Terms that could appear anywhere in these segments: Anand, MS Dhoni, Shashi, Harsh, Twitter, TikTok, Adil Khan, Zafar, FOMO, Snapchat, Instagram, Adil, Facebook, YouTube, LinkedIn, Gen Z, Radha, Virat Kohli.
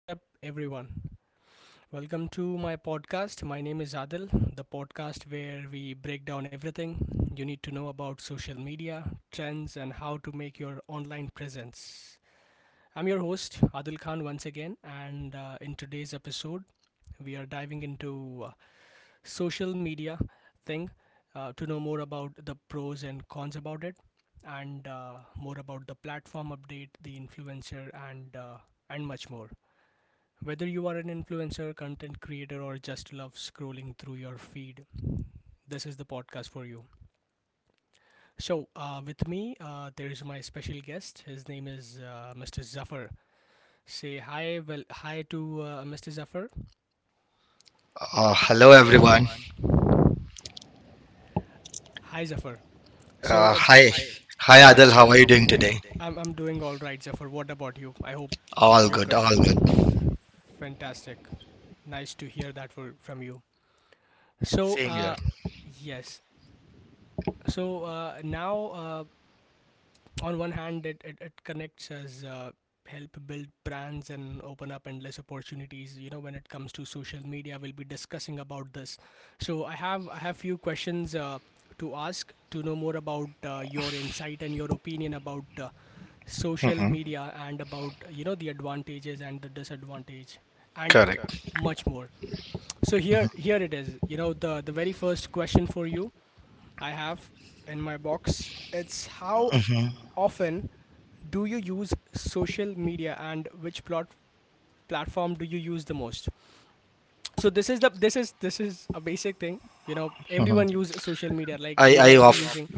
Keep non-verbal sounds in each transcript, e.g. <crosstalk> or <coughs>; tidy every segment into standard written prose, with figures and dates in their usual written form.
What's up, everyone? Welcome to my podcast. My name is Adil, the podcast where we break down everything you need to know about social media, trends, and how to make your online presence. I'm your host, Adil Khan, once again, and in today's episode, we are diving into social media thing to know more about the pros and cons about it, and more about the platform update, the influencer, and much more. Whether you are an influencer, content creator, or just love scrolling through your feed, this is the podcast for you. So, with me, there is my special guest. His name is Mr. Zafar. Say hi, well, hi to Mr. Zafar. Hello Hello everyone. everyone. Hi, Zafar. So, Hi, hi. hi Adil. How are you How are doing you doing today? today? I'm doing all right, Zafar. What about you? I hope All you're All good. good. All Good. good. All good. Fantastic. Nice to hear that from you. So, Same here. Here. Yes. So now uh, on one hand it connects us, help build brands and open up endless opportunities, you know, when it comes to social media. We'll be discussing about this. So I have few questions to ask, to know more about your insight and your opinion about social hmm media and about, you know, the advantages and the disadvantage and Correct. Correct. Much more. So here, here it is, you know, the very first question for you I have in my box. It's how Mhm. often do you use social media and which plot platform do you use the most? So this is this is a basic thing, you know. Hmm Everyone use social media like you. I I might of be I using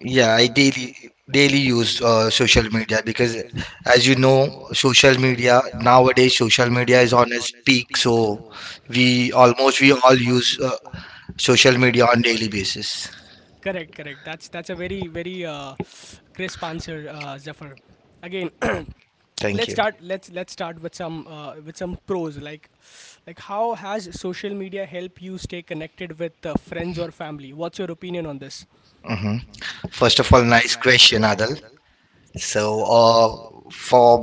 Yeah, I daily use off social media because because as you you know know social media nowadays nowadays social media is on its peak. peak So so we almost we all use uh, social media on daily basis. correct, correct. That's that's a very crisp answer, Zephyr again. <clears throat> Let's Thank Thank you. start let's start with some pros, like how has social media help you stay connected with friends or family? What's your opinion on this? hmm First of all, nice question, Adil. Adal, So, for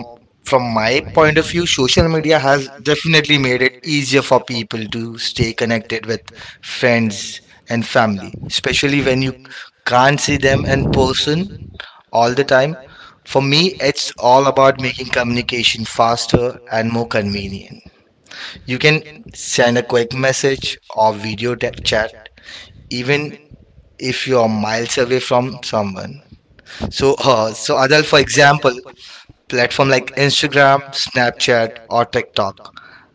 From from my my point of point view, of view, social media has definitely made it easier for people to stay to connected with friends s- and and family, family, especially when especially you when you can't see can't see them in them in person person all the all the time. time. For For me, me, it's all about what making making it communication faster fast and more and more convenient. convenient. You can send a quick message Message, or chat, chat, even even if you're miles away from someone. someone. So, So uh, so Adal, for example, platform like Instagram, Snapchat, chat or TikTok.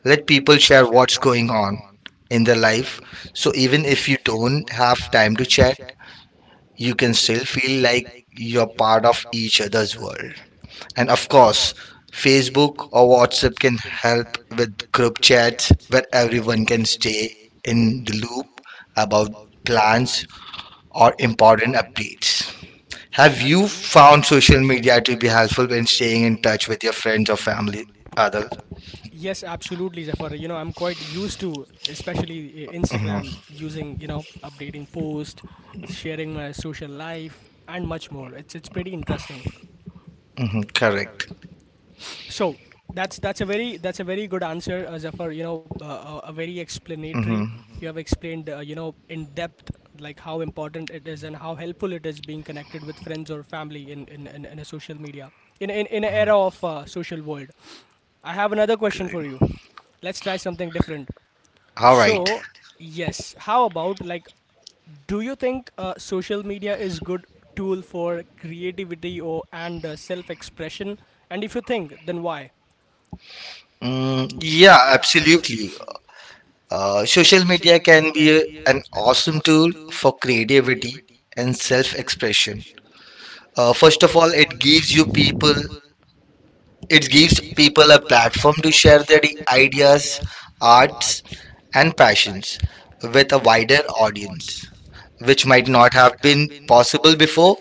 Let people share what's going on on in their life. So even if you don't have time to time to chat, you can still feel like you're part of each other's world. And of course, Facebook or WhatsApp can help with help group chats Chad's where everyone can stay in the loop about plans plans, or important updates. Have you found social media to be helpful in staying in touch with your friends or family? family, Other, other. Yes, absolutely, Zephyr. You know, I'm quite used to, especially Instagram, hmm Mhm. using, you know, updating posts, sharing my social life, and much more. It's pretty interesting. Correct. Correct. So that's that's a very good answer, Zafar. You know, a very explanatory. hmm Mhm. You have explained, you know, in depth, like how important it is and how helpful it is being connected with friends or family in a social media in an era of social world. I have another question Correct. for you. Let's try something different. All All So right. right. Yes, how about like, do you think social media is good tool for creativity or and self expression? And if you think, then why? Mm, Mm, yeah, yeah, absolutely. absolutely. Social media It can be can be an an awesome tool tool for creativity and and self-expression. self-expression. First of all, Well, it gives you people it gives people a platform to share their ideas, platform, arts, arts, and passions with a a wider wider audience, audience. which might not have been possible before,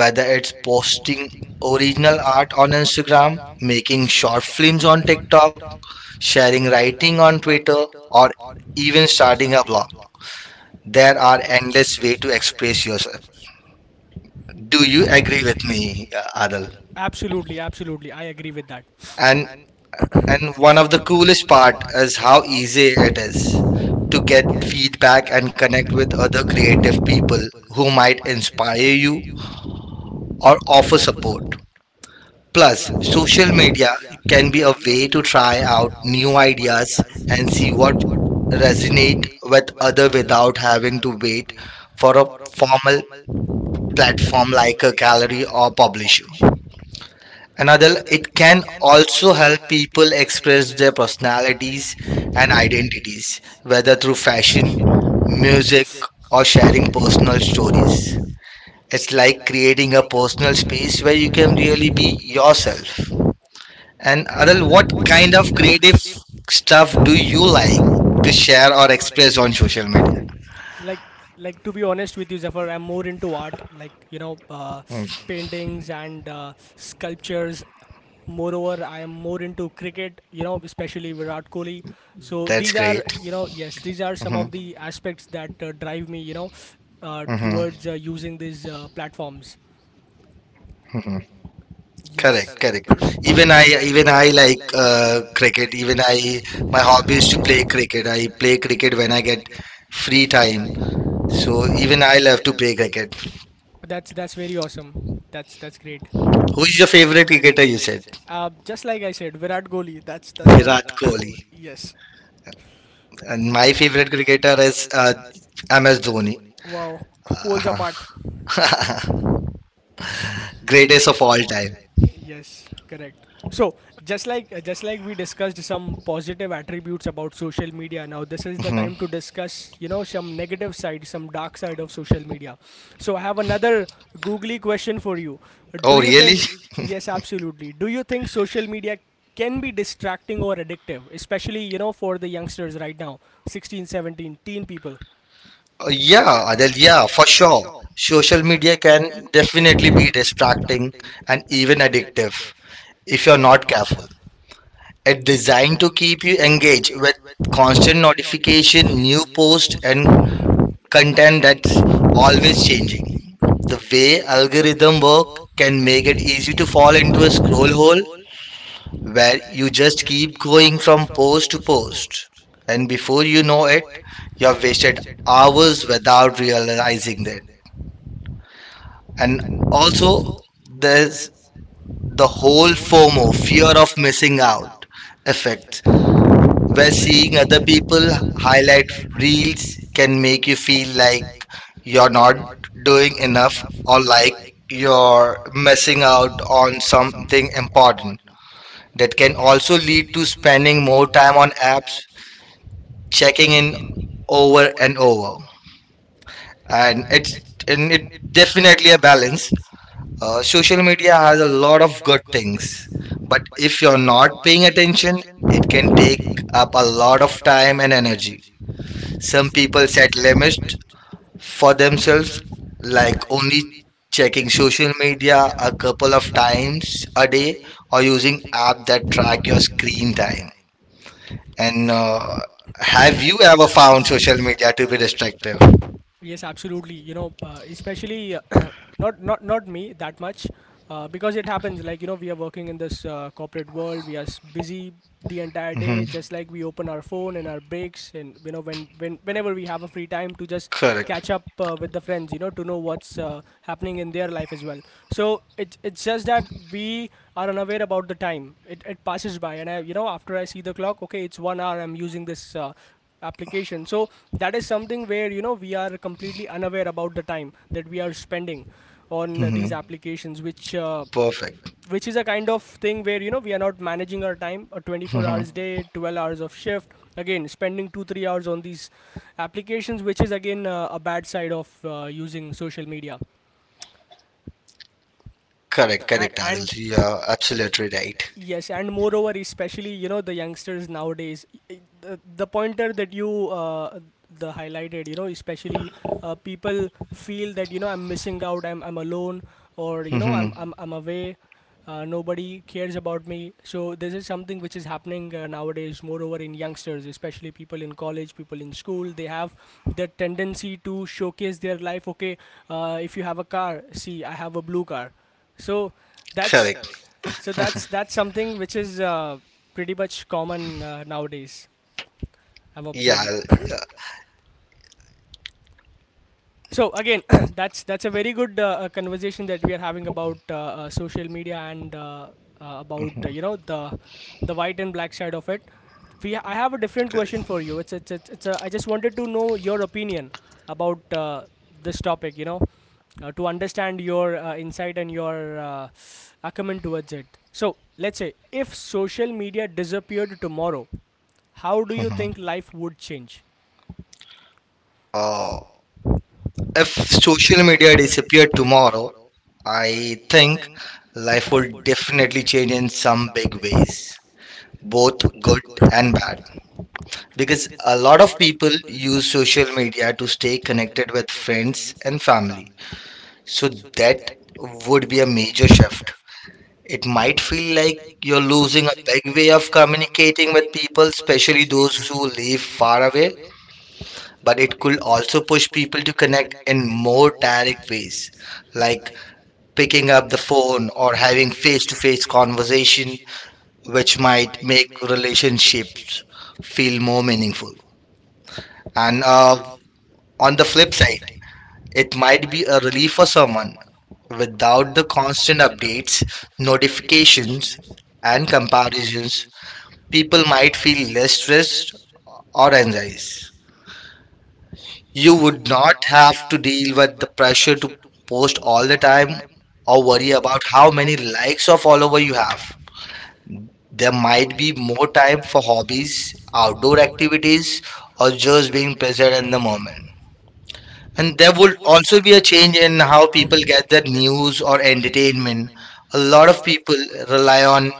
whether it's It's posting posting original original art on Instagram, program, making making short short films on films on TikTok, TikTok, sharing sharing writing on writing on Twitter, Twitter, or or even even starting a starting a blog. blog There are endless ways to to express express. yourself. Do you Do you agree agree with with me, me? Adil? Absolutely, absolutely. I agree with that. And and And one of one the of the cool coolest part is how easy easy it it is is to to get get feedback and and connect with connect with other other creative creative people people who who might might inspire inspire you you or or offer offer support. support. Plus, Plus, social social media media can be can a way to to try try out out new new ideas ideas and see and see what what resonate resonate with other other without without having to having to wait wait for a formal normal platform platform like a like a gallery gallery or publisher. publishing. Another, Another it can also help people express their personalities is and an identity identities, whether through through fashion, fashion, music, music, or or sharing sharing personal personal stories. stories. It's like creating a The personal personal space where space you where you can can really really be be yourself. yourself. And And Adil, what Arul, what kind of kind of creative creative stuff stuff do do you you like to like to share or share or express on express on social social media? media? like like to be honest with you, Zephyr, I'm more into art, like, you know, Hmm. Mm, paintings and sculptures. Moreover, I am more into cricket, you know, especially Virat Kohli. So that's these That's are great. great. You great. Know yes, these are some hmm of the aspects that drive me, you know, Hmm. hmm towards using these platforms. hmm Yes, Correct, correct, correct. Correct. Even I like cricket. Even Even I, my I, my hobby is hobby to is play to play cricket. I play cricket when I get free time. time. So So even I even love I'll to have to play play cricket. cricket. That's very awesome. That's great. Who is Who your is favorite cricketer? You said it? Just like I said, Virat Kohli. That's all. Virat Virat Kohli, Kohli. Yes. and my favorite cricketer is MS Dhoni. Wow. Poles Uh, apart. <laughs> greatest Great. of all time. Yes, correct. So, just like we discussed some positive attributes about social media, now this is the Mhm. time to Mhm. discuss, you know, some negative side, some dark side of social media. So, I have another googly question for you. Do Oh, you Oh, really? think, really? <laughs> Yes, absolutely. Do you think social media can be distracting or addictive, especially, you know, for the youngsters right now, 16, 17, teen people? Yeah, Yeah, Adel, Adel, yeah, for yeah, for sure. sure. Social Social media media can can definitely be definitely be distracting distracting and and even even addictive addictive if you're if you're not not careful. careful. It's It's designed to designed to keep you keep you engaged engaged with with constant constant notification, notification, new posts, post, and and content that's that's always always changing. changing. The way algorithm work can Can make it make it easy to easy to fall fall into a into a scroll scroll hole where from you just keep going from post to post to post. post. And before you know it, Right? you have You have wasted wasted hours hours without realizing realizing that. that, And and also, also there's the the whole whole FOMO, form of fear fear of missing out effect. effect, where When seeing seeing other other people people highlight highlight reels reels, can make you feel feel like like you're you're not not doing doing enough enough or or like like you're you're missing missing out out on on something something. important that can also Also lead to spending more time on apps checking leaking in in over over and over, and and it's it's and it and it just definitely a balance. Social social media has a lot of good things, things. but But if you're not paying then it attention it can can take take up a up a lot of lot of time and energy. energy. Some Some people people set set limits limits for for themselves, themselves, like like only checking checking social social media media a a couple of couple of times times, a day or using app app that that track your track your screen screen time, time and and have you have ever found found social social media media? to be destructive? Yes, absolutely. You know, especially <coughs> <clears throat> not me that much, because it happens. Like, you know, we are working in this corporate world. We are busy the entire hmm day. Mhm. Just like we open our phone in our breaks, and you know, when whenever we have a free time to just Correct. catch correct up with the friends. You know, to know what's happening in their life as well. So it's just that we are unaware about the time. It passes by, and I, you know, after I see the clock, okay, it's 1 hour. I'm using this application, so that is something where, you know, we are completely unaware about the time that we are spending on hmm these Mhm. applications Perfect. which is a kind of thing where, you know, we are not managing our time, a 24 hmm hours Mhm. day, 12 hours of shift, again spending 2 3 hours on these applications, which is again a bad side of using social media. Correct, Correct, correct, Adil. and, So correct, and you're absolutely right. right? Yes, and moreover, especially, you know, the youngsters nowadays, the pointer that you uh, the highlighted, you know, especially people feel that, you know, I'm missing out, I'm alone, or you know hmm I'm Mm-hmm. I'm away, nobody cares about me. So this is something which is happening nowadays. Moreover, in youngsters, especially people in college, people in school, they have the tendency to showcase their life. Okay, if you have a car, see I have a blue car, so that's Correct. Correct. So that's something which is pretty much common nowadays. I've observed. Yeah, Yeah, yeah. so again, <clears throat> that's a very good conversation that we are having about social media and about hmm you know the white and black side of it. We I have a different question Correct. for you. It's a, I just wanted to know your opinion about this topic. You know, to understand your insight and your acumen towards it. So, let's say if social media disappeared tomorrow, how do you hmm think life would change? Uh, Uh, if social media disappeared tomorrow, I think life would definitely change in some some big big ways, ways, both both good good and and bad. bad. Right. Because a lot of people use social media to stay connected with friends and family. So that would be a major shift. It might feel like you're losing a big way of communicating with people, especially those who live far away, but it could also push people to connect in more direct ways, like picking up the phone or having face to face conversation, which might make relationships feel more meaningful. And on the flip side, It, it might be a relief for someone. Without the constant updates, notifications, and comparisons, people pe- might feel less stressed or anxious. You would not have to deal with the pressure to post all the time or worry about how many likes or followers you you have. have There might be more time for hobbies, is outdoor outdoor at activities, or just being present in the the moment. moment, And there and would also be a change in how how people people. get their news or entertainment. A lot of people rely on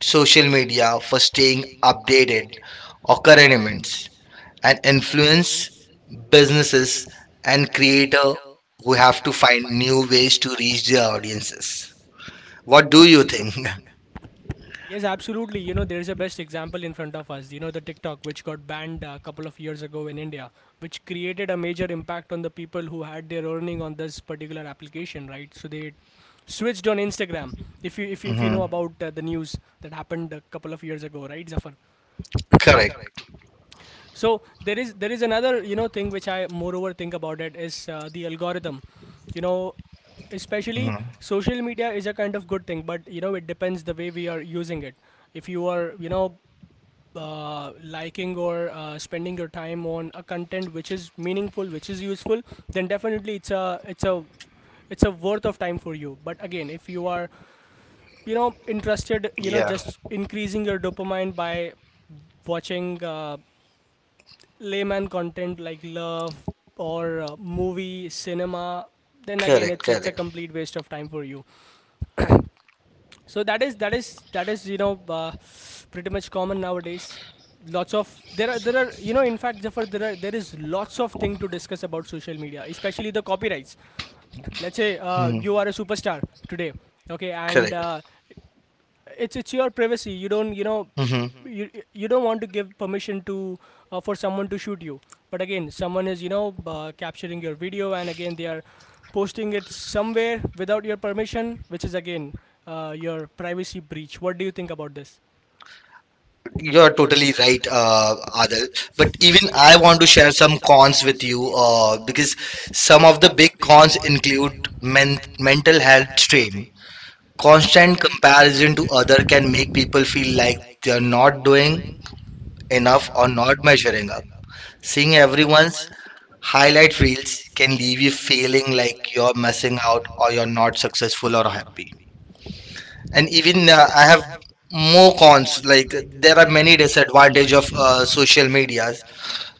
social media for staying updated or current events and influence businesses and creator who have to find new ways to reach their audiences. What do you think? <laughs> Yes, absolutely. You know, there's a best example in front of us. You know, the TikTok, which got banned a couple of years ago in India, which created a major impact on the people who had their earning on this particular application, right? So they switched on Instagram. If you hmm know about the news that happened a couple of years ago, right, Zafar? Correct. Correct. So there is another thing which I moreover think about. It is the algorithm, you know especially. hmm Social media is a kind of good thing, but it depends the way we are using it. If you are, liking or spending your time on a content which is meaningful, which is useful, then definitely it's a worth of time for you. But again, if you are, interested, Yeah. Just increasing your dopamine by watching layman content like love or movie cinema, then again Correct. it's a Correct. complete waste of time for you. So that is pretty much common nowadays. Lots of, there are in fact, Jafar, there is lots of thing to discuss about social media, especially the copyrights. Let's say, hmm you are a superstar today, okay, and Correct. It's your privacy. You don't, hmm you don't want to give permission to, for someone to shoot you. But again, someone is, capturing your video, and again they are posting it somewhere without your permission, which is again your privacy breach. What do you think about this? You're totally right, Adil. But The even I want to share some cons with you because some of the big cons cons include include men, mental men health strain. Constant comparison to comparison to other other can can make make people people feel feel like like they're not not doing doing enough or enough or not not measuring up. measuring up, Seeing everyone's highlight reels can leave you feeling like you're missing messing out out. or you're not successful or happy. And And even I have more cons. Like there are there many disadvantages of percentage of us. social media.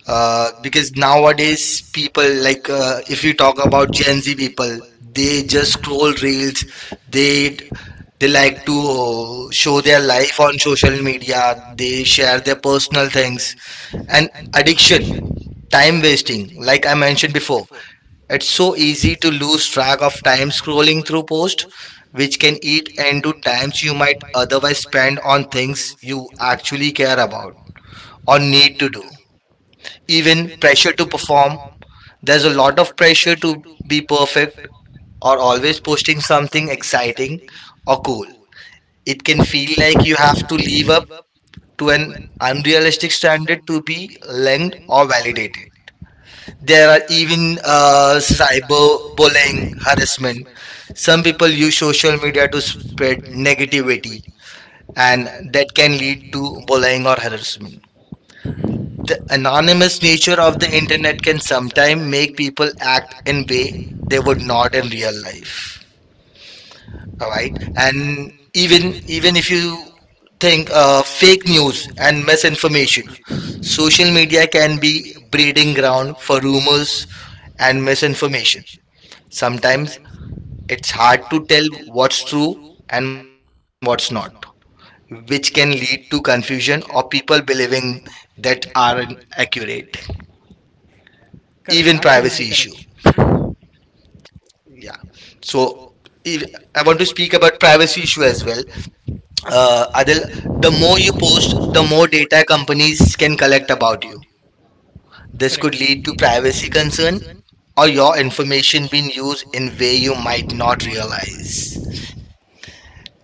Uh, Because nowadays people like if you if you talk talk about about Gen Z Gen, people, they they just just scroll reels. They create, they like to show their life on social media. They they share their personal things and an addiction, addiction, time time wasting. Like I mentioned before, it's so easy to lose track of drag of time scrolling through posts, which can eat into times you times you might might otherwise otherwise spend on things you actually care think about, about or or need to do. Even pressure to to perform. perform, There's a lot of pressure to to be be, perfect or or, always posting something exciting or cool. or It can feel feel like you like have you have to to live up live up to to an an unrealistic unrealistic standard standard to to be be linked linked or or validated. validated. There are There are even even cyberbullying, cyberbullying, harassment. harassment. Some Some people people use use social social media to media to spread spread negativity, negativity, and and that that can can lead lead to to bullying or bullying or harassment. harassment. The The anonymous anonymous nature of nature the of the internet can internet can sometimes sometimes make make people people act act in in way way they would they would not in not in real real life. life. Alright? Alright? And And even even even if even if you you think think, fake fake news news and and misinformation, misinformation, social social media media can can be be breeding breeding ground ground for for rumors rumors and and misinformation. misinformation. Sometimes Sometimes it's it's hard to hard to tell tell what's what's true true and and what's not, what's not, which can lead to which can lead confusion to or people confusion or believing people that believing aren't that aren't accurate. accurate. Even Correct, privacy even issue. absolutely privacy correct, issue. Yeah. Yeah. So So if, I if- want to I speak want to about speak privacy about issue as privacy well. issue as well. Adil, Adil, the more the you more you post, the more post, the more data data companies can companies can collect collect about you. about you. This, This could correct, could lead to lead to privacy privacy concern concern, or or your your information information being used goes in way in way you you might might not not realize. realize.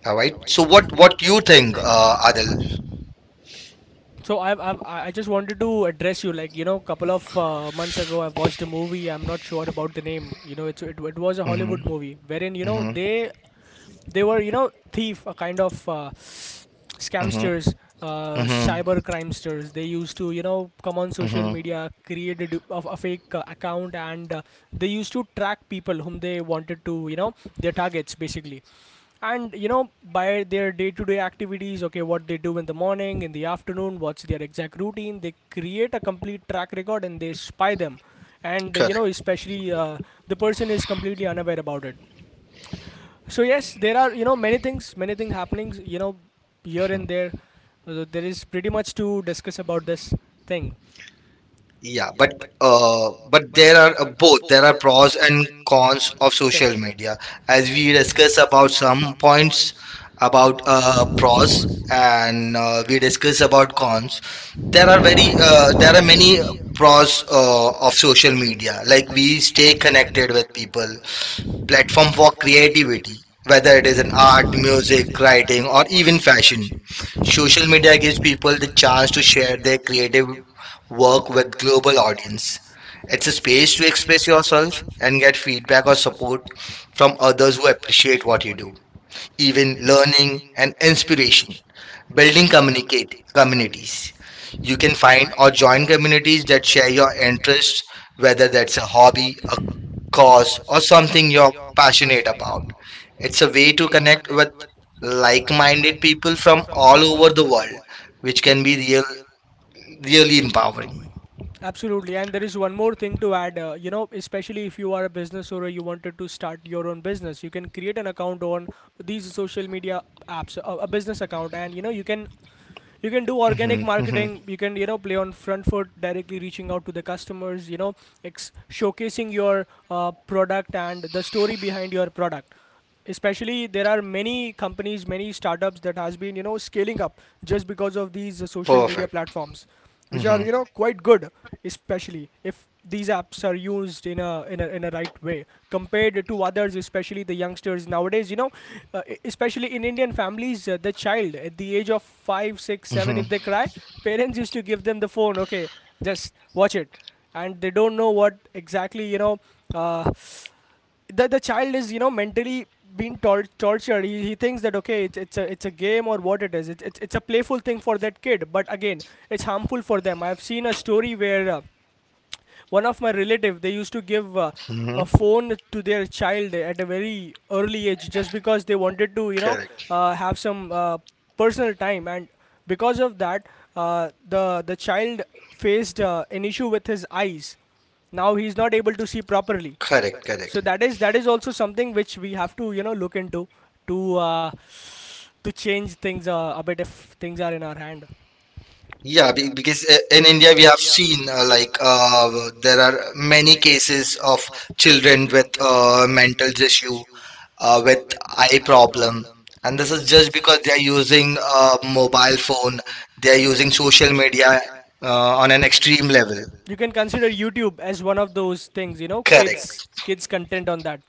All right. All right. So So what what you what you think, think, Adil? Adil? So I've, I just wanted to address you, like, couple of months ago I watched a movie. I'm not sure about the name, it was a Mm-hmm, Hollywood movie wherein, mm-hmm, they were, you know, thief, a kind of mm-hmm, scamsters, mm-hmm, cyber crimesters. They used to, you know, come on social mm-hmm. media, create of a fake account, and they used to track people whom they wanted to, you know, their targets basically. And, by their day-to-day activities, okay, what they do in the morning, in the afternoon, what's their exact routine. They create a complete track record and they spy them. And, especially the person is completely unaware about it. So yes, there are, many things, happenings, here and there. There is pretty much to discuss about this thing. Yeah, uh, but there are both. There are pros and cons of of. Okay. social Social, media. As as we we discuss discussed, about some points about pros, pros. and we discuss about cons. There are There are very many. There are There are many many pros pros. Of social media. Like we We stay stay connected connected. with people, platform for Platform, creativity, whether it whether is it in is an art, art, music, music, writing, right? or even fashion. Social Social media media gives gives people the people the chance to chance to share share their creative work work with with global global audience. It's a space to express yourself circles and get and feedback or support from others who appreciate what you do, even learning and inspiration, building communicate communities. communities. You can You can. find or join communities that share your interests, whether that's a A hobby, hobby, a a cause, cause or something you're you're passionate passionate about. about. It's a It's a way to way to connect connect with with like like-minded minded people people from from all all over the over the world, world. which can be really empowering. Empowering. Absolutely. And there is one more thing to add. Especially if you are a business owner, you wanted to start your own business, you can create an account on these social media apps, a business account, and, you can do hmm organic hmm marketing. You can, play on front foot, directly reaching out to the customers, showcasing your product and the story behind your product. Especially, there are many companies, many startups that has been, scaling up, just because of these social media Perfect. platforms, which are, hmm quite good, especially if these apps are used in a right way. Compared to others, especially the youngsters nowadays, especially in Indian families, the child at the age of 5, 6, 7, hmm if they cry, parents used to give them the phone. Okay, just watch it. And they don't know what exactly, uh, the child is, mentally being tortured. He thinks that okay, it's a game or what it is. It's a playful thing for that kid, but again it's harmful for them. I've seen a story where, one of my relative. They used to give a hmm phone to their child at a very early age, just because they wanted to, Correct, have some personal time. And because of that, the child faced an issue with his eyes. Now he's not able to see properly. correct, correct. So that is also something which we have to, look into, to uh, to change things a bit, if things are in our hand. Yeah, because in India we have seen there are Are- many cases of children with mental issue, with eye problem, and this is just because they are using a mobile phone, they are using social media on an extreme level. you can consider YouTube as one of those things, kids. Correct. Correct. Kids content on that.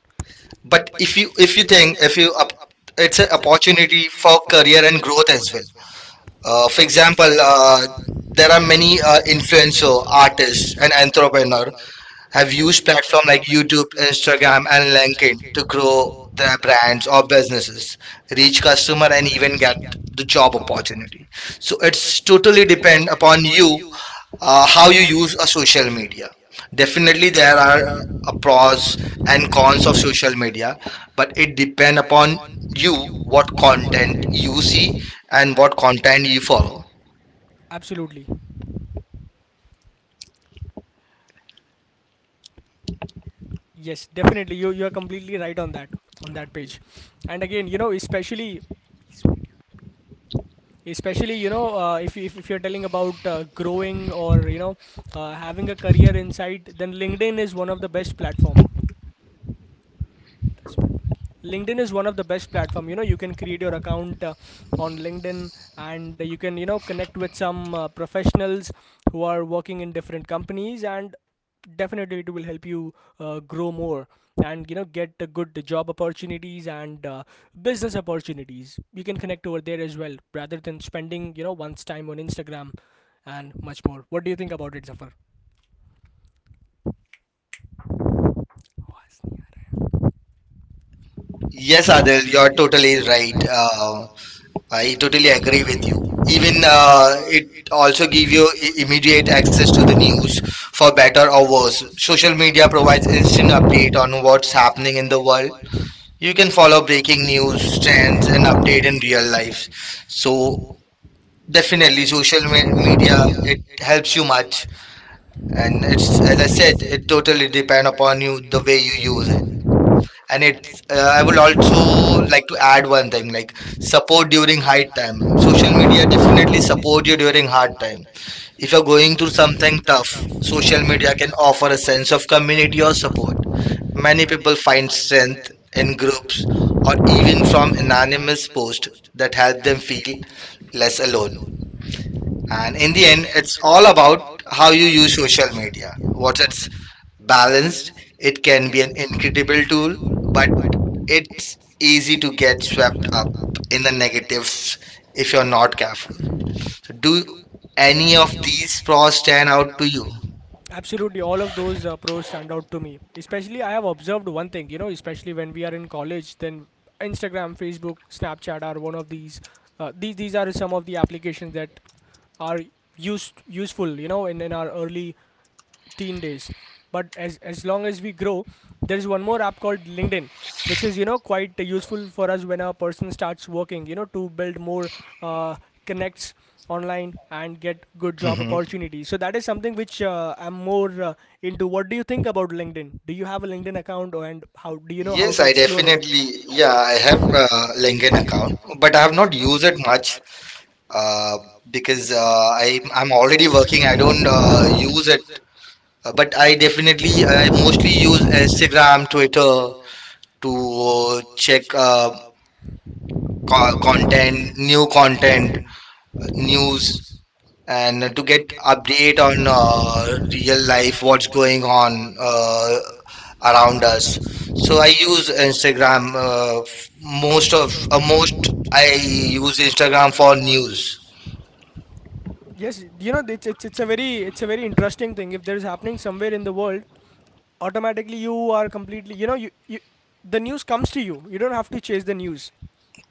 But if you think, if you up, it's an opportunity for career and growth as well. For example, Uh, there are there are many many, influencer influencer artists and artists and entrepreneur have used platforms like YouTube, Instagram, and LinkedIn to kid to grow grow their the brands or businesses, reach reach customer, and customer and even even get get the the job job opportunity. opportunity. So it's totally depend upon you Uh, how you use a social media. Definitely, there there are are, a pros pros and and cons of cons of social media, but it depend upon on you you what what content content you you see see and and what what content you content you follow. follow. Absolutely. Yes, definitely. You are completely right on that page. And again, especially if you're telling about growing or, having a career insight, then LinkedIn is one of the best platform. LinkedIn is one of the best platform. You know, you can create your account, on LinkedIn, and you can, connect with some professionals who are working in different companies, and definitely it will help you grow more, and, get good job opportunities and business opportunities. You can connect over there as well, rather than spending, one's time on Instagram and much more. What do you think about it, Zafar? Yes, Yes, Adil, Adil, you're you're totally totally right. right. I I totally totally agree with agree you. with Even you. Even, it also also give you give you immediate immediate access to access the to the news news. for better or worse. Social Social media media provides provides instant instant update update on on what's happening in the world. world, You can follow breaking breaking news, news, trends, trends, and and update in update. real life. So So definitely, definitely, social social me- media media it it helps you helps you much, much, and it's, and as I it's, as said, I said, it it totally totally depend depend upon you upon the you the way way you you use it. use it. And And it's it's, I would I would also also like to like to add one add thing one like thing, like support during hard right time. now, Social media social definitely media definitely support you support during hard time. If you're going through going through something something tough, tough. social Social media can media offer a offer sense of a community or community or support. support, Many many people find strength in in groups groups, or even even from from in anonymous posts that help them feel less less alone. alone. And in And the in end, the end, it's all about how you how you use use social social media. media, What it's what it's balanced, it can be an an incredible incredible tool, but tool, but it's easy to easy to get get swept swept up up in the in the negatives negatives if you're if you're not not careful. careful. So Do do any of any of these these pros pros stand stand out to out to you? you? Absolutely, all of those, pros stand out to me. Especially, I have observed one thing, you know, especially when we are in college, then Instagram, Facebook, Snapchat are one of these. These are some of the applications that are used useful, you know, in our early teen days. But as long as we grow, there's one more app called LinkedIn, which is, quite useful for us when a person starts working, to build more uh, connects online and get good job. Mhm. Hmm. Opportunities. So that is something which, I'm more, into. What do you think about LinkedIn? Do you have a LinkedIn account, and how do you know how Yes, to... Yes, I I explore it definitely. Yeah, I have a definitely. I LinkedIn have account, LinkedIn account. but I have not used it much, uh, because uh, I I I'm already already working. I working. I don't don't, use it, but I use definitely. definitely I I mostly mostly use use Asset, Instagram, uh, Twitter to to check content, content. new New content, content, news, news, and to get update update on on, real life what's real going on life around around us. us. So I So use Instagram I'm, most most of of, most most I I use use. Instagram for news. Yes, you know, it's a very interesting thing. If there's happening somewhere in the world, automatically you are completely, you, you the news comes to you. You don't have to chase the news.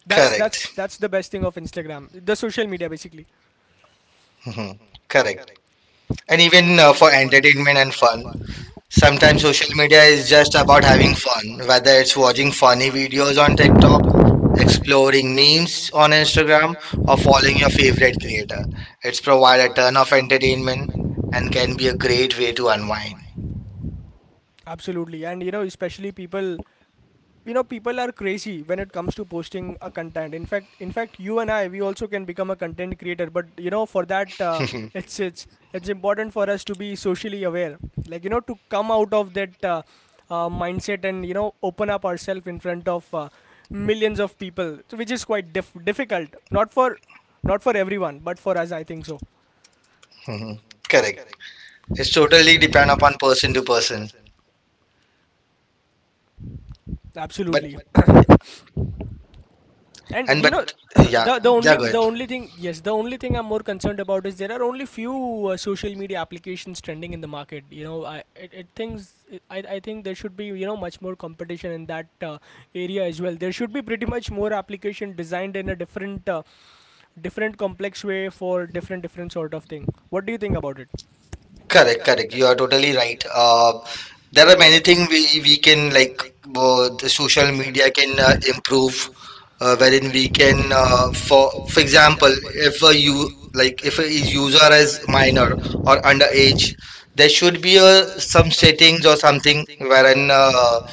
That's Correct. correct, <laughs> that's the best thing of Instagram, the social media basically. Mhm. Correct. And even for entertainment and fun. Fun. Sometimes Sometimes social media is it's just just about about having having fun, fun, whether it's watching funny videos videos on TikTok, on TikTok, exploring memes on Instagram, program or of following your following your favorite favorite creator. creator, It's provide a ton of of entertainment entertainment, and and can be a can be a great way great to way to unwind. unwind. Absolutely. And you know, especially people you know people are crazy when it comes to posting a content, in fact you and I we also can become a content creator. But you know, for that <laughs> <laughs> it's it's it's important for us to be socially aware, like you know, to come out of that mindset and you know open up ourselves in front of millions of people, so which is quite difficult, not for everyone but for us, I think so. Mhm. Correct. It's It's totally totally depend depend upon on, person to person. But absolutely. yeah. And And you know, but but <coughs> <clears throat> yeah, the yeah, the only yeah, the good. yeah, only thing yes, the only thing I'm more concerned about is there are only few social media applications trending in the market. You know, I it, it thinks it, I think there should be you know much more competition in that area as well. There should be pretty much more application designed in a different different complex way for different sort of thing. What do you think about it? Correct, Correct, correct. You correct. are You are totally totally right. right. There are There are many many things things we we we we can, can, like, like, the the social social media media can can improve, improve, wherein we wherein we can, can, for for example, example, if a if a you, you like, like, if a if a user user is is minor minor or or underage, underage, there there should be should be a a some some settings or settings or something something wherein wherein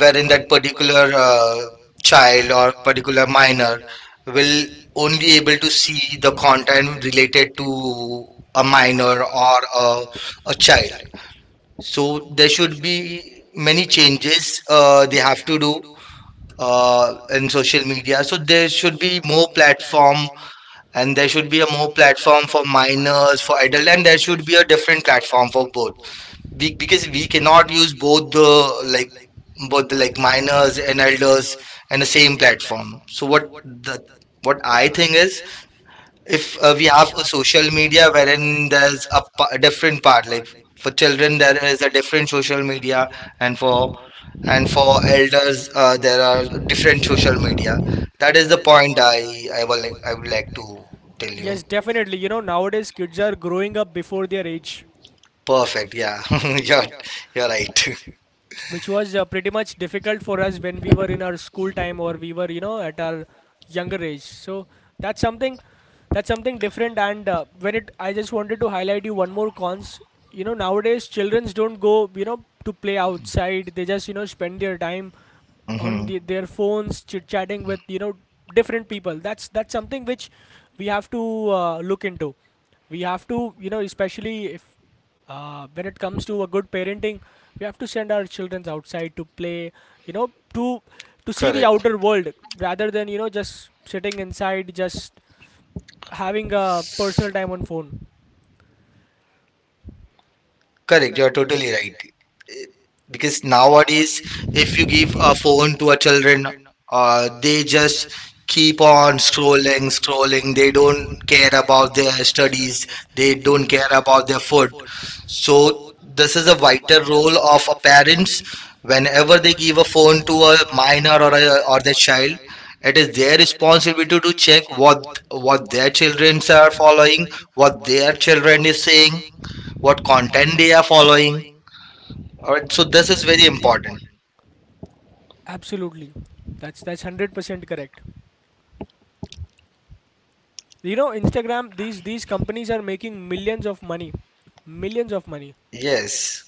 wherein wherein that that particular particular child child or or particular particular minor minor will will only only able to able to see the see the content content related related to to a a minor minor or or a a child. child. So So there there should should be be many many changes changes they they have to have to do do in in social social media. So media. So there there should should be be more more platform, platform, and there and there should be a should be a more more platform platform for for minors, for minors, for adult, and adult, there and there should be a should be a different different platform for platform for both, both. we, because we Because we cannot cannot use use both both the, the, like, like, both the, both the, like, like, minors minors and and elders elders and the and the same same platform. platform. So So what the, the what what I I think think is is, if if we we have a have a social social media media wherein wherein there's a, there's a a a different different part, part, like like, for for children children there there is a is a different different social social media media and and for, for and and for for uh, elders there there are are different different social social media. media. That is the point I will i like, will I like would i like would like to. to tell you. Yes, definitely. You know, nowadays kids are growing up before their age. Perfect, yeah. <laughs> you're you're Yeah, right. which was pretty much difficult for us when we were in our school time or we were you know at our younger age. So that's something, different. And when it I just wanted to highlight you one more cons. You know, nowadays childrens don't go you know to play outside, they just you know spend their time on <laughs> Hmm. the, their phones, chit chatting with you know different people. That's something which we have to look into. We have to, you know, especially if when it comes to a good parenting, we have to send our children outside to play, you know, to see the Correct. outer world, rather than you know just sitting inside just having a personal time on phone. Correct, you're totally right. Eh, because nowadays, Please, if you if you give a give a phone to phone, a children, they just keep keep on on scrolling, scrolling. They scrolling. They don't don't care care. about their studies. They don't care about their food. So this is a vital role of a parents. Whenever they give a phone to a minor My or a, or their child, it is their responsibility to check what their children are following, what their children is saying, what what content they content. are following. Alright, so Alright, so this is this is very very important. important. Absolutely. That's 100% correct. You know, Instagram, these companies are making millions of money. Millions of money. Yes.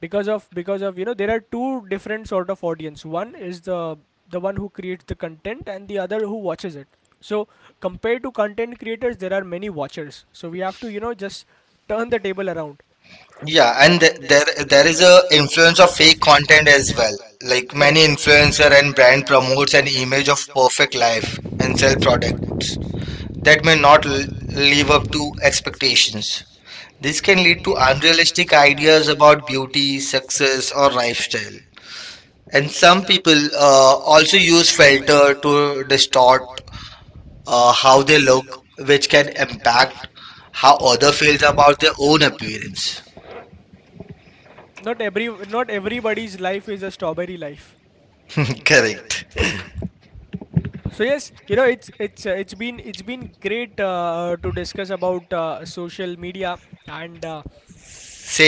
Because of, you know, there are two different sort of audience. One is the one who creates the content and the other who watches it. So compared to content creators, there are many watchers. So we have to, you know, just turn the table around. Yeah, and there Their there is a influence of fake content content as is well. Like, like. Correct. many Many influencer influencer and brand promotes an image of perfect life life and sell and sell products products that may that may not not live up live up to to expectations. This This can lead can to lead to unrealistic ideas about beauty, success, or lifestyle. And some people also use unused feelings filter to distort toward how they look, which can impact how how other other feels feels about their about own appearance. Not everybody's life is a strawberry life. <laughs> Correct. So yes, you know, it's been great to discuss about social media and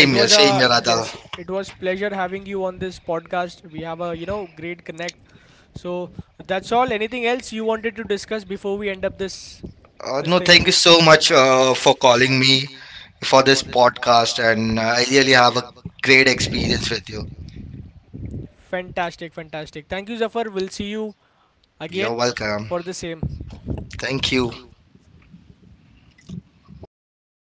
It here, was Same here, Same a here, same here, Radha. yes, Radha, it was pleasure having you on this podcast. We have a, you know, great connect. So that's all. Anything else you wanted to discuss before we end up this this Uh, No, thing? No, thank you thank so much for calling me you for this for this podcast, and I really have a great great experience with experience with you. you. Fantastic, fantastic. Thank you, Zafar. We'll see you You're again. You're welcome. welcome. For the same. Thank you. Thank you.